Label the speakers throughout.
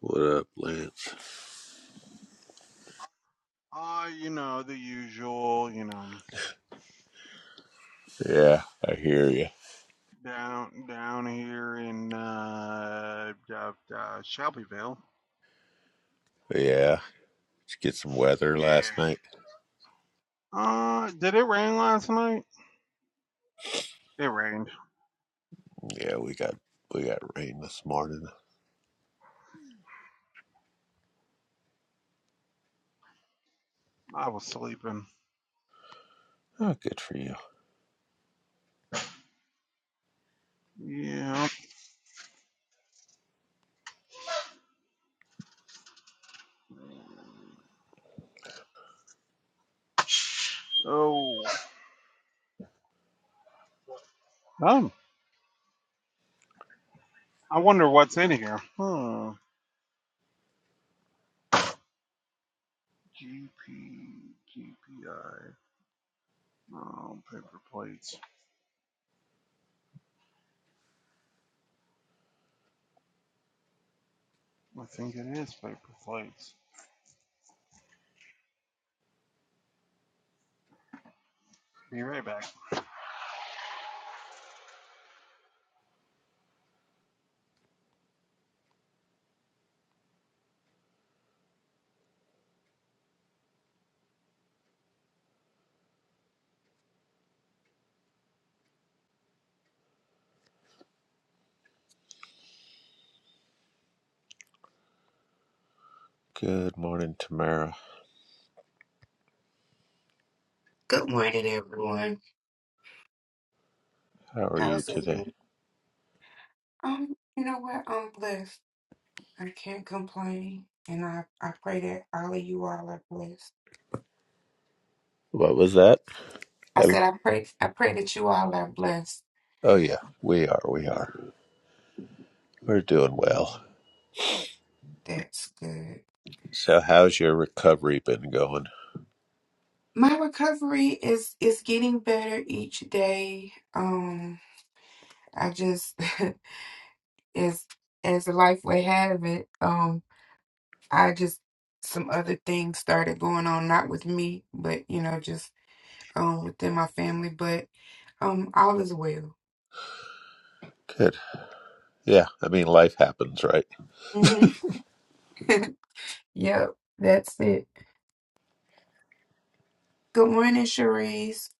Speaker 1: What up, Lance?
Speaker 2: Uh, you know, the usual, you know,
Speaker 1: Yeah, I hear you.
Speaker 2: down down here in uh, uh, uh Shelbyville.
Speaker 1: Yeah, did you get some weather
Speaker 2: Yeah.
Speaker 1: last night?
Speaker 2: Uh, did it rain last night? It rained.
Speaker 1: Yeah, we got we got rain this morning.
Speaker 2: I was sleeping.
Speaker 1: Oh, good for you.
Speaker 2: Yeah. Oh. Oh. I wonder what's in here. Hmm. G P G P I. Oh, paper plates. I think it is paper plates. Be right back.
Speaker 1: Good morning, Tamara.
Speaker 3: Good morning, everyone.
Speaker 1: How are you
Speaker 3: How's
Speaker 1: today?
Speaker 3: everyone? Um, you know what? I'm blessed. I can't complain, and I I pray that all of you all are blessed.
Speaker 1: What was that?
Speaker 3: I
Speaker 1: I,
Speaker 3: said I pray I pray that you all are blessed.
Speaker 1: oh yeah, we are. We are. We're doing well.
Speaker 3: That's good.
Speaker 1: So, how's your recovery been going?
Speaker 3: My recovery is is getting better each day. Um, I just as as life would have it. Um, I just some other things started going on, not with me, but you know, just um, within my family, but um, all is well.
Speaker 1: Good. Yeah, I mean, life happens, right?
Speaker 3: hmm Yep, that's it. Good morning, Cherise.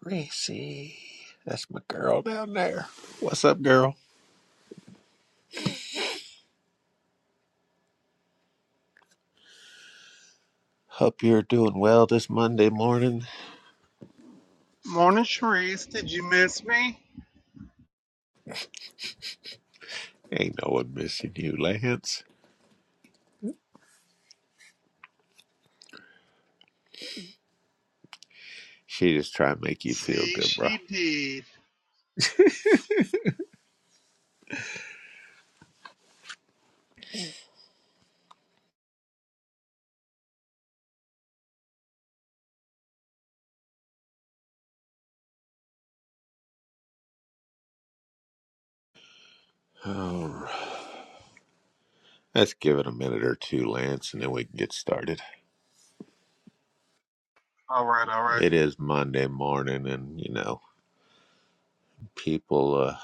Speaker 1: Racy, that's my girl down there. What's up, girl? Hope you're doing well this Monday morning.
Speaker 2: Morning, Sharice. Did you miss me?
Speaker 1: Ain't no one missing you, Lance. She just trying to make you feel
Speaker 2: See,
Speaker 1: good, bro.
Speaker 2: she did.
Speaker 1: All right. Let's give it a minute or two, Lance, and then we can get started.
Speaker 2: All right, all right.
Speaker 1: It is Monday morning, and you know, people, uh,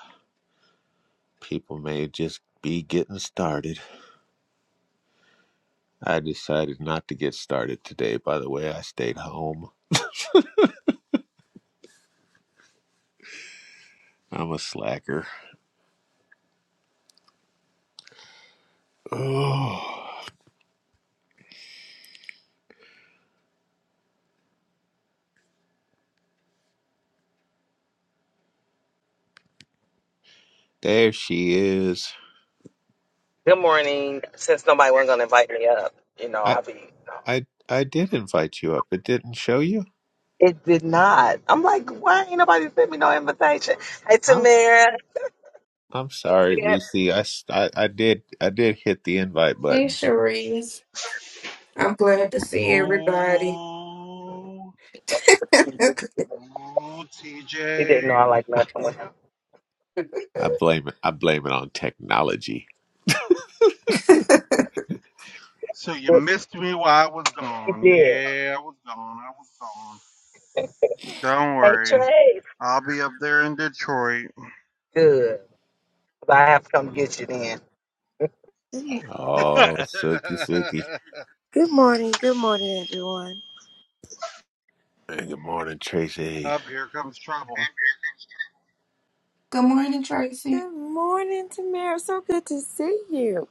Speaker 1: people may just be getting started. I decided not to get started today. By the way, I stayed home. I'm a slacker. Oh, there she is.
Speaker 4: Good morning. Since nobody wasn't gonna invite me up, you know,
Speaker 1: I,
Speaker 4: I'll be.
Speaker 1: I, I did invite you up. It didn't show you.
Speaker 4: It did not. I'm like, why ain't nobody sent me no invitation? Hey,
Speaker 1: I
Speaker 4: Tamara.
Speaker 1: I'm
Speaker 4: Hey,
Speaker 1: sorry, Reese. I, s- I- I did I did hit the invite
Speaker 3: Hey,
Speaker 1: button.
Speaker 3: Cherise. I'm glad to see everybody.
Speaker 2: Ooh,
Speaker 4: Sam.
Speaker 3: Good
Speaker 2: ooh,
Speaker 4: He didn't
Speaker 2: TJ.
Speaker 4: know I like messing with him.
Speaker 1: I blame it. I blame it on technology.
Speaker 2: So you missed me while I was
Speaker 4: He
Speaker 2: gone.
Speaker 4: did.
Speaker 2: Yeah, I was gone. I was gone. Don't
Speaker 4: Hey,
Speaker 2: worry.
Speaker 4: Trey.
Speaker 2: I'll be up there in Detroit.
Speaker 4: Good. But I have to come get you then.
Speaker 5: Yeah.
Speaker 2: up
Speaker 1: Oh, silky, silky.
Speaker 5: Good morning, good morning, everyone.
Speaker 1: Hey, good morning, Tracy.
Speaker 2: here comes trouble.
Speaker 3: morning, Tracy.
Speaker 5: Good morning, Tamara. So good to see you,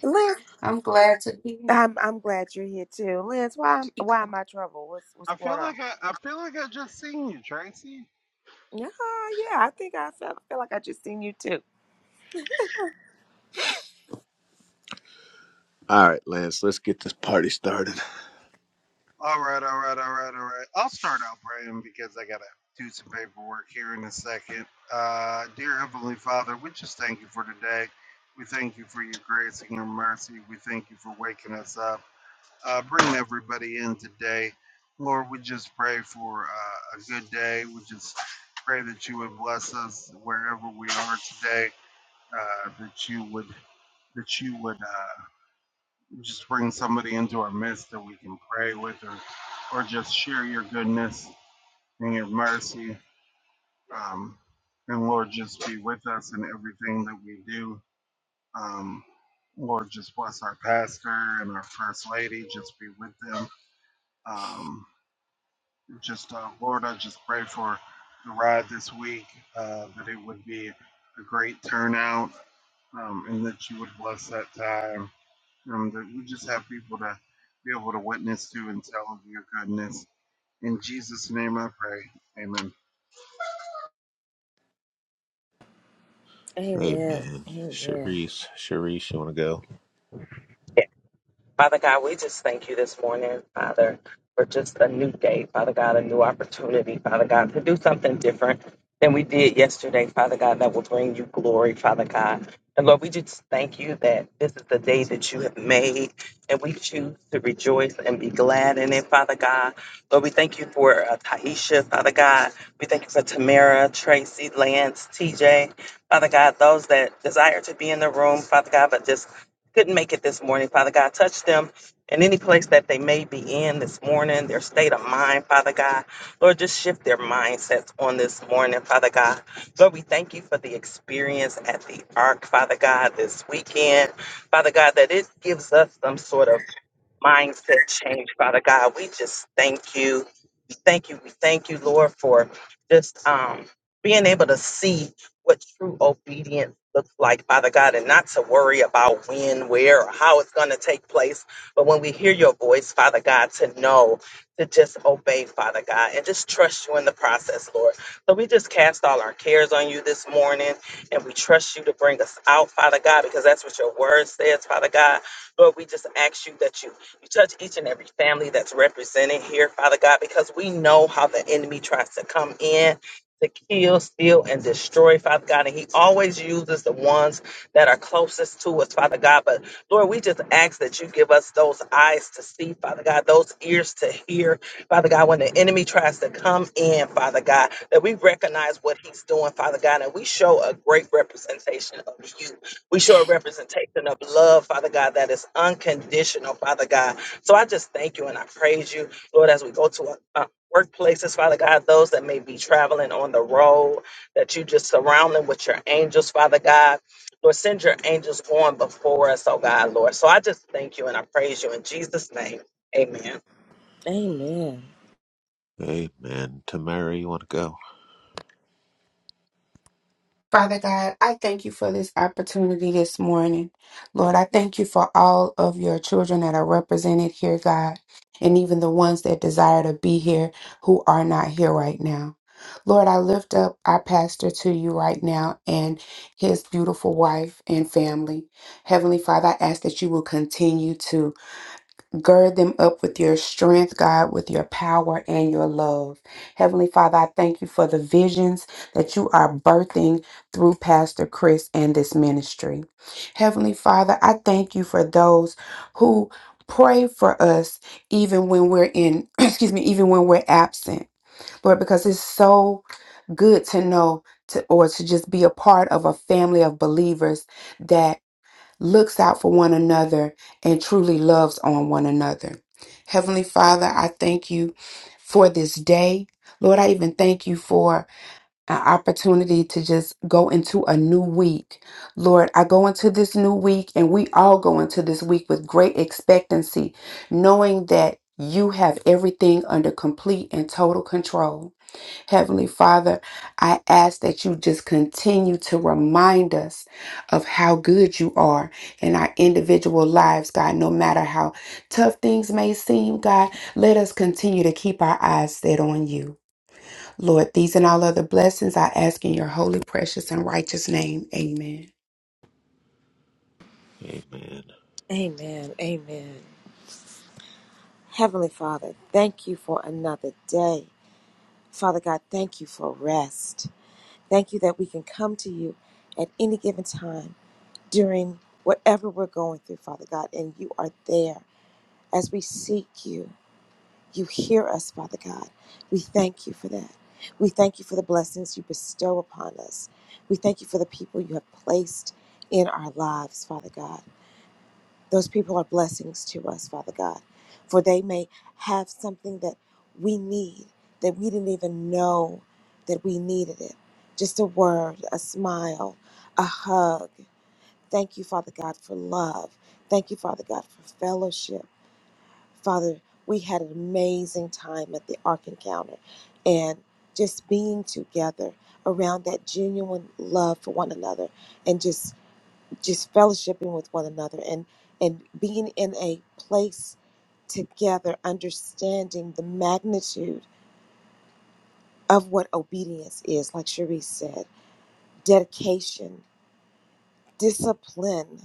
Speaker 5: Lance.
Speaker 3: I'm glad to be here.
Speaker 5: I'm I'm glad you're here too, Lance. Why why am I trouble? What's what's
Speaker 2: I
Speaker 5: going
Speaker 2: feel
Speaker 5: on?
Speaker 2: like I, I feel like I just seen you, Tracy.
Speaker 5: Yeah, yeah. I think I feel, feel like I just seen you too.
Speaker 1: All right, Lance. Let's get this party started.
Speaker 2: All right, all right, all right, all right. I'll start out praying because I got to do some paperwork here in a second. Uh, dear Heavenly Father, we just thank you for today. We thank you for your grace and your mercy. We thank you for waking us up. Uh, bring everybody in today. Lord, we just pray for uh, a good day. We just pray that you would bless us wherever we are today, uh, that you would, that you would. Uh, just bring somebody into our midst that we can pray with or or just share your goodness and your mercy um, and lord just be with us in everything that we do um, lord just bless our pastor and our first lady just be with them um, just uh, lord i just pray for the ride this week uh, that it would be a great turnout um, and that you would bless that time Um, that you just have people to be able to witness to and tell of your goodness. In Jesus' name I pray. Amen.
Speaker 1: Hey,
Speaker 5: Amen.
Speaker 1: man.
Speaker 5: Amen.
Speaker 1: Sharice, Sharice, you want to go?
Speaker 4: Father God, we just thank you this morning, Father, for just a new day, Father God, a new opportunity, Father God, to do something different than we did yesterday, Father God, that will bring you glory, Father God. And Lord, we just thank you that this is the day that you have made, and we choose to rejoice and be glad in it, Father God. Lord, we thank you for uh, Taisha, Father God. We thank you for Tamara, Tracy, Lance, TJ, Father God, those that desire to be in the room, Father God, but just couldn't make it this morning. Father God, touch them in any place that they may be in this morning, their state of mind, Father God. Lord, just shift their mindsets on this morning, Father God. Lord, we thank you for the experience at the Ark, Father God, this weekend. Father God, that it gives us some sort of mindset change, Father God. We just thank you. We thank you. We thank you, Lord, for just um, being able to see what true obedience looks like, Father God, and not to worry about when, where, or how it's going to take place. But when we hear your voice, Father God, to know, to just obey, Father God, and just trust you in the process, Lord. So we just cast all our cares on you this morning, and we trust you to bring us out, Father God, because that's what your word says, Father God. Lord, we just ask you that you Touch each and every family that's represented here, Father God, because we know how the enemy tries to come in to kill, steal, and destroy, Father God. And he always uses the ones that are closest to us, Father God. But Lord, we just ask that you give us those eyes to see, Father God, those ears to hear, Father God, when the enemy tries to come in, Father God, that we recognize what he's doing, Father God, and we show a great representation of you. We show a representation of love, Father God, that is unconditional, Father God. So I just thank you and I praise you, Lord, as we go to uh, workplaces, Father God, those that may be traveling on the road, that you just surround them with your angels, Father God. Lord, send your angels on before us, oh God, Lord. So I just thank you and I praise you in Jesus' name. Amen.
Speaker 5: Amen.
Speaker 1: Hey, man. Tamara, you want to go?
Speaker 3: Father God, I thank you for this opportunity this morning. Lord, I thank you for all of your children that are represented here, God, and even the ones that desire to be here who are not here right now. Lord, I lift up our pastor to you right now and his beautiful wife and family. Heavenly Father, I ask that you will continue to Gird them up with your strength, God, with your power and your love. Heavenly Father, I thank you for the visions that you are birthing through Pastor Chris and this ministry. Heavenly Father, I thank you for those who pray for us even when we're in, excuse me, even when we're absent. Lord, because it's so good to know to, or to just be a part of a family of believers looks out for one another, and truly loves on one another. Heavenly Father, I thank you for this day. Lord, I even thank you for an opportunity to just go into a new week. Lord, I go into this new week, and we all go into this week with great expectancy, knowing that you have everything under complete and total control. Heavenly Father, I ask that you just continue to remind us of how good you are in our individual lives, God. No matter how tough things may seem, God, let us continue to keep our eyes set on you. Lord, these and all other blessings I ask in your holy, precious, and righteous name. Amen.
Speaker 1: Hey, man.
Speaker 5: Amen. Amen. Heavenly Father, thank you for another day. Father God, thank you for rest. Thank you that we can come to you at any given time. during whatever we're going through, Father God, and you are there. As we seek you, you hear us, Father God. We thank you for that. We thank you for the blessings you bestow upon us. We thank you for the people you have placed in our lives, Father God. Those people are blessings to us, Father God, for they may have something that we need that we didn't even know that we needed it. Just a word, a smile, a hug Thank you, Father God, for love. Thank you, Father God, for fellowship. Father, we had an amazing time at the Ark Encounter and just being together around that genuine love for one another and just just fellowshipping with one another and and being in a place together understanding the magnitude of what obedience is like Cherise said dedication discipline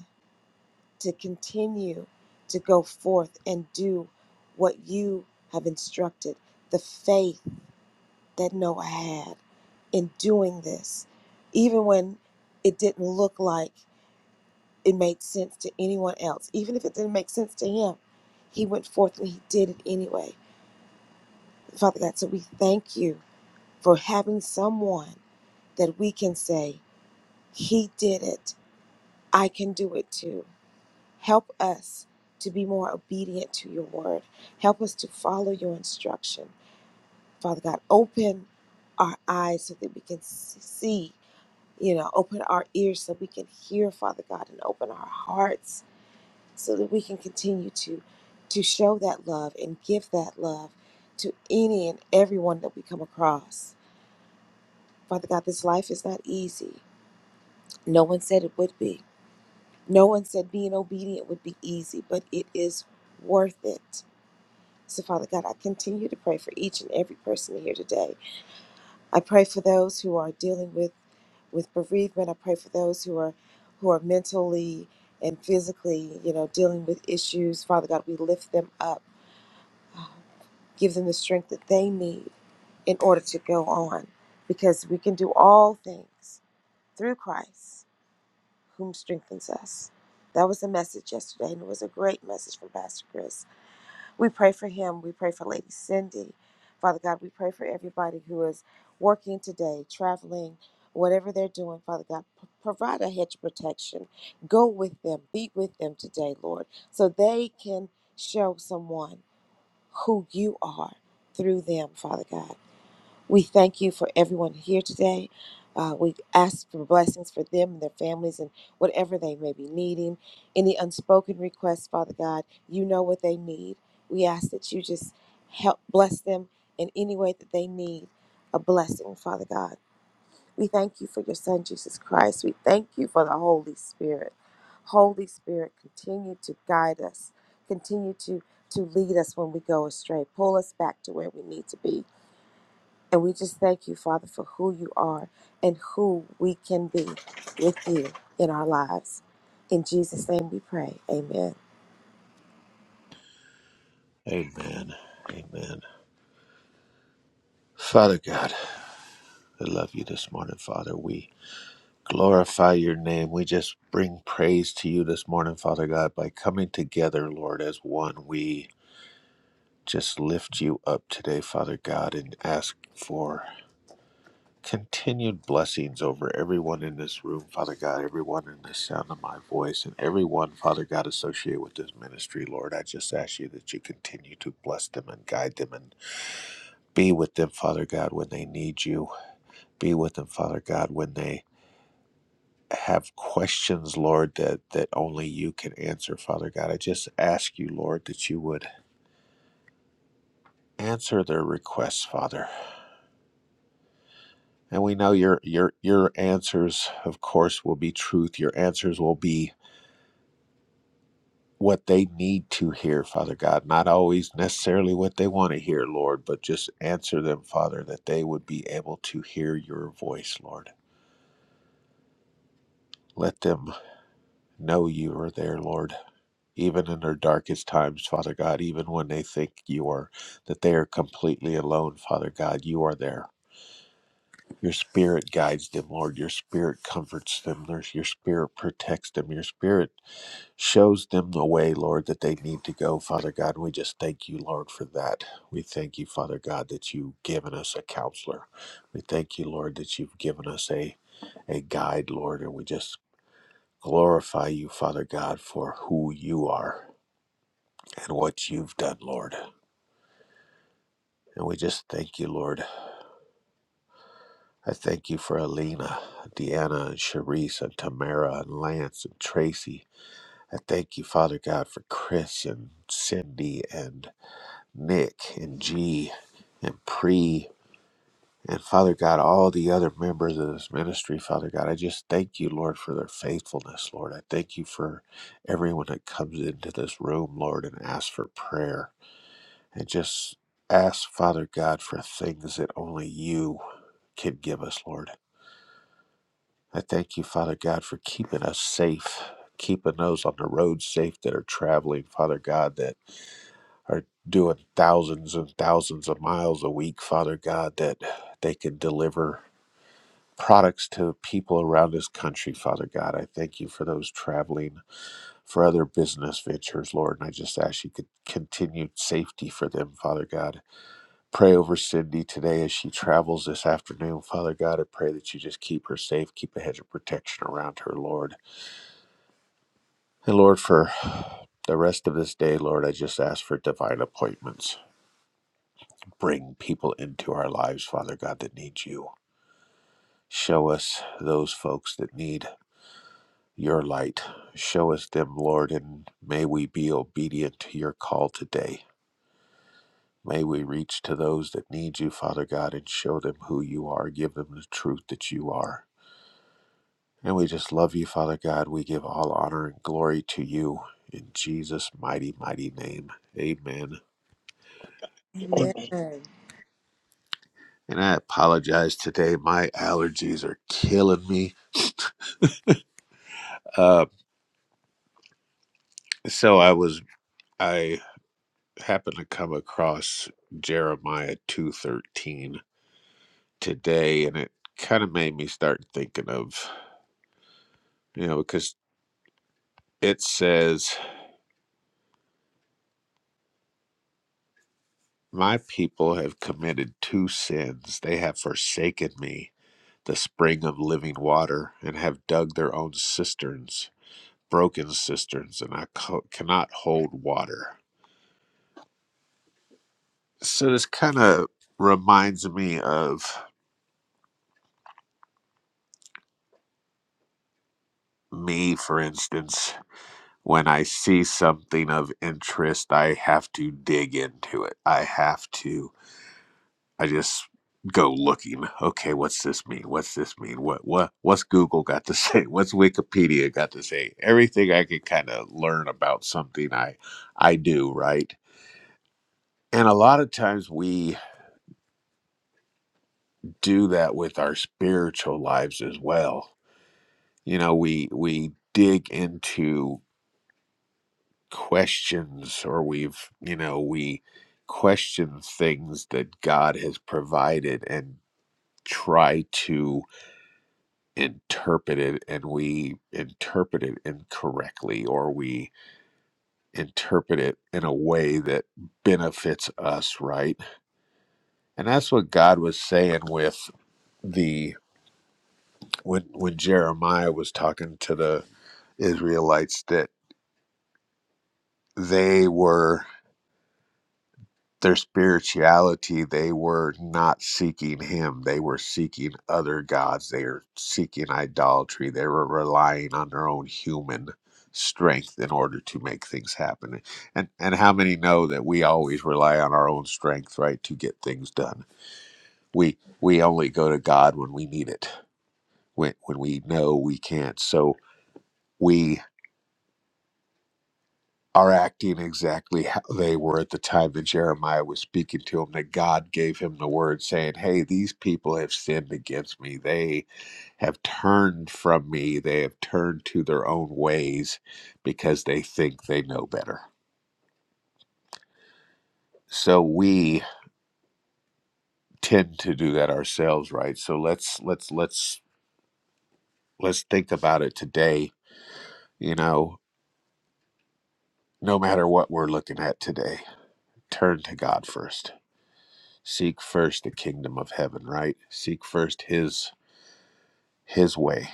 Speaker 5: to continue to go forth and do what you have instructed. The faith that Noah had in doing this, even when it didn't look like it made sense to anyone else, even if it didn't make sense to him, he went forth and he did it anyway. Father God, so we thank you for having someone that we can say, He did it. I can do it too. Help us to be more obedient to your word. Help us to follow your instruction. Father God, open our eyes so that we can see, you know, open our ears so we can hear, Father God, and open our hearts so that we can continue to to show that love and give that love to any and everyone that we come across. Father God, this life is not easy. No one said it would be. No one said being obedient would be easy, but it is worth it So, Father God, I continue to pray for each and every person here today. I pray for those who are dealing with with bereavement. I pray for those who are who are mentally and physically, you know, dealing with issues. Father God, we lift them up. Give them the strength that they need in order to go on because we can do all things through Christ whom strengthens us. That was the message yesterday and it was a great message from Pastor Chris. We pray for him. We pray for Lady Cindy. Father God, we pray for everybody who is working today, traveling, whatever they're doing. Father God, p- provide a hedge of protection. Go with them, be with them today, Lord, so they can show someone who you are through them, Father God. We thank you for everyone here today. Uh, we ask for blessings for them and their families and whatever they may be needing. Any unspoken requests, Father God, you know what they need. We ask that you just help bless them in any way that they need a blessing, Father God. We thank you for your Son, Jesus Christ. We thank you for the Holy Spirit. Holy Spirit, continue to guide us, continue to, to lead us when we go astray, pull us back to where we need to be. And we just thank you, Father, for who you are and who we can be with you in our lives. In Jesus' name we pray. Amen.
Speaker 1: Amen. Amen. Amen. Father God, I love you this morning, Father. We glorify your name. We just bring praise to you this morning, Father God, by coming together, Lord, as one. We just lift you up today, Father God, and ask for continued blessings over everyone in this room, Father God, everyone in the sound of my voice, and everyone, Father God, associated with this ministry, Lord. I just ask you that you continue to bless them and guide them and be with them, Father God, when they need you. Be with them, Father God, when they have questions, Lord, that, that only you can answer, Father God. I just ask you, Lord, that you would answer their requests, Father. And we know your your your answers, of course, will be truth. Your answers will be what they need to hear, Father God. Not always necessarily what they want to hear, Lord, but just answer them, Father, that they would be able to hear your voice, Lord. Let them know you are there, Lord even in their darkest times, Father God, even when they think you are that they are completely alone, Father God, you are there. Your spirit guides them, Lord. Your spirit comforts them. There's- Your spirit protects them. Your spirit shows them the way, Lord, that they need to go, Father God. We just thank you, Lord, for that. We thank you, Father God, that you've given us a counselor. We thank you, Lord, that you've given us a, a guide, Lord, and we just glorify you, Father God, for who you are and what you've done, Lord. And we just thank you, Lord. I thank you for Alina, Deanna, and Sharice, and Tamara, and Lance, and Tracy. I thank you, Father God, for Chris and Cindy and Nick and G and Pre and Father God, all the other members of this ministry, Father God. I just thank you, Lord, for their faithfulness, Lord. I thank you for everyone that comes into this room, Lord, and asks for prayer. and just ask, Father God, for things that only you can give us, Lord. I thank you, Father God, for keeping us safe, keeping those on the road safe that are traveling, Father God, that are doing thousands and thousands of miles a week, Father God, that they can deliver products to people around this country, Father God. I thank you for those traveling for other business ventures, Lord, and I just ask you could continue safety for them, Father God. Pray over Cindy today as she travels this afternoon. Father God, I pray that you just keep her safe, keep a hedge of protection around her, Lord. And Lord, for the rest of this day, Lord, I just ask for divine appointments. Bring people into our lives, Father God, that need you. Show us those folks that need your light. Show us them, Lord, and may we be obedient to your call today. May we reach to those that need you, Father God, and show them who you are. Give them the truth that you are. And we just love you, Father God. We give all honor and glory to you in Jesus' mighty, mighty name. Amen.
Speaker 4: Amen.
Speaker 5: Amen.
Speaker 1: And I apologize today. My allergies are killing me. Uh, so I was I happened to come across Jeremiah two thirteen today, and it kind of made me start thinking of you know because it says, "My people have committed two sins. They have forsaken me." the spring of living water, and have dug their own cisterns, broken cisterns, and I co- cannot hold water. So this kind of reminds me of me, for instance. When I see something of interest, I have to dig into it. I have to. I just go looking. Okay, what's this mean? What's this mean? What what what's Google got to say? What's Wikipedia got to say? Everything I can kind of learn about something I I do, right? And a lot of times we do that with our spiritual lives as well. You know, we we dig into questions or we've, you know, we question things that God has provided and try to interpret it and we interpret it incorrectly or we interpret it in a way that benefits us, right? And that's what God was saying with the when when Jeremiah was talking to the Israelites that they were their spirituality they were not seeking him they were seeking other gods they were seeking idolatry they were relying on their own human strength in order to make things happen and and how many know that we always rely on our own strength right to get things done we we only go to god when we need it when when we know we can't so we are acting exactly how they were at the time that Jeremiah was speaking to him, that God gave him the word saying, Hey, these people have sinned against me. They have turned from me. They have turned to their own ways because they think they know better. So we tend to do that ourselves, right? So let's let's let's let's think about it today, you know, no matter what we're looking at today. Turn to God first seek first the kingdom of heaven right seek first his his way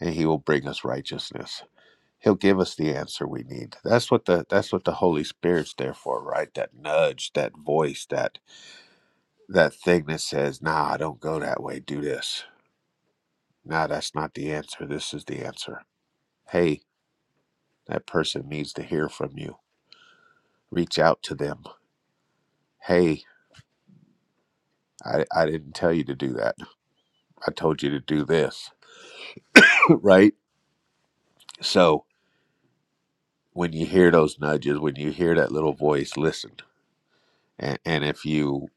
Speaker 1: and he will bring us righteousness he'll give us the answer we need that's what the that's what the holy spirit's there for right that nudge that voice that that thing that says nah don't go that way do this nah that's not the answer this is the answer hey that person needs to hear from you reach out to them hey i, I didn't tell you to do that i told you to do this right so when you hear those nudges when you hear that little voice listen and, and if you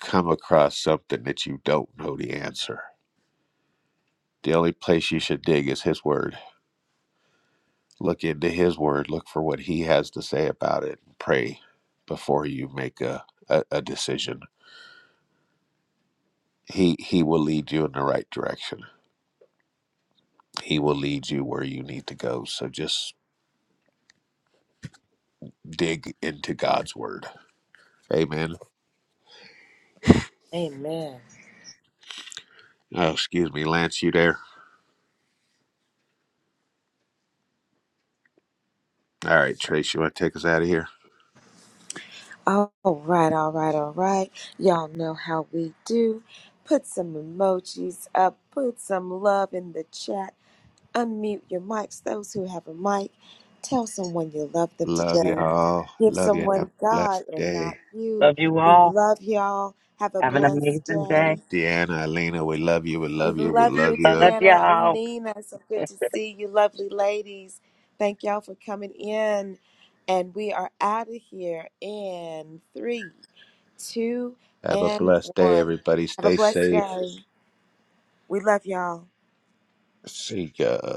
Speaker 1: come across something that you don't know the answer. The only place you should dig is His Word. Look into His Word, look for what He has to say about it, and pray before you make a, a, a decision. He, he will lead you in the right direction, He will lead you where you need to go. So just dig into God's Word. Amen.
Speaker 5: Amen.
Speaker 1: Oh, excuse me, Lance, you there? All right, Trace, you want to take us out of here?
Speaker 5: All right, all right, all right. Y'all know how we do. Put some emojis up, put some love in the chat, unmute your mics, those who have a mic. Tell someone you love them
Speaker 1: Love
Speaker 5: today.
Speaker 1: y'all.
Speaker 5: Give
Speaker 1: Love you. Have a
Speaker 5: someone God
Speaker 1: blessed
Speaker 5: and not
Speaker 1: day.
Speaker 5: you.
Speaker 4: Love you
Speaker 5: We
Speaker 4: all.
Speaker 5: love y'all. Have a
Speaker 4: Have an
Speaker 5: blessed
Speaker 4: amazing
Speaker 5: day.
Speaker 4: day.
Speaker 1: Deanna, Elena, we love you. We
Speaker 5: We
Speaker 1: love you. We
Speaker 5: love
Speaker 1: love
Speaker 5: you,
Speaker 1: you.
Speaker 4: Love
Speaker 5: Deanna,
Speaker 4: y'all.
Speaker 5: Alina. So good to see you, lovely ladies. Thank y'all for coming in. And we are out of here in three, two,
Speaker 1: Have a
Speaker 5: and
Speaker 1: blessed day,
Speaker 5: one.
Speaker 1: everybody.
Speaker 5: Have a
Speaker 1: Stay
Speaker 5: blessed
Speaker 1: safe.
Speaker 5: day. We love y'all.
Speaker 1: See ya.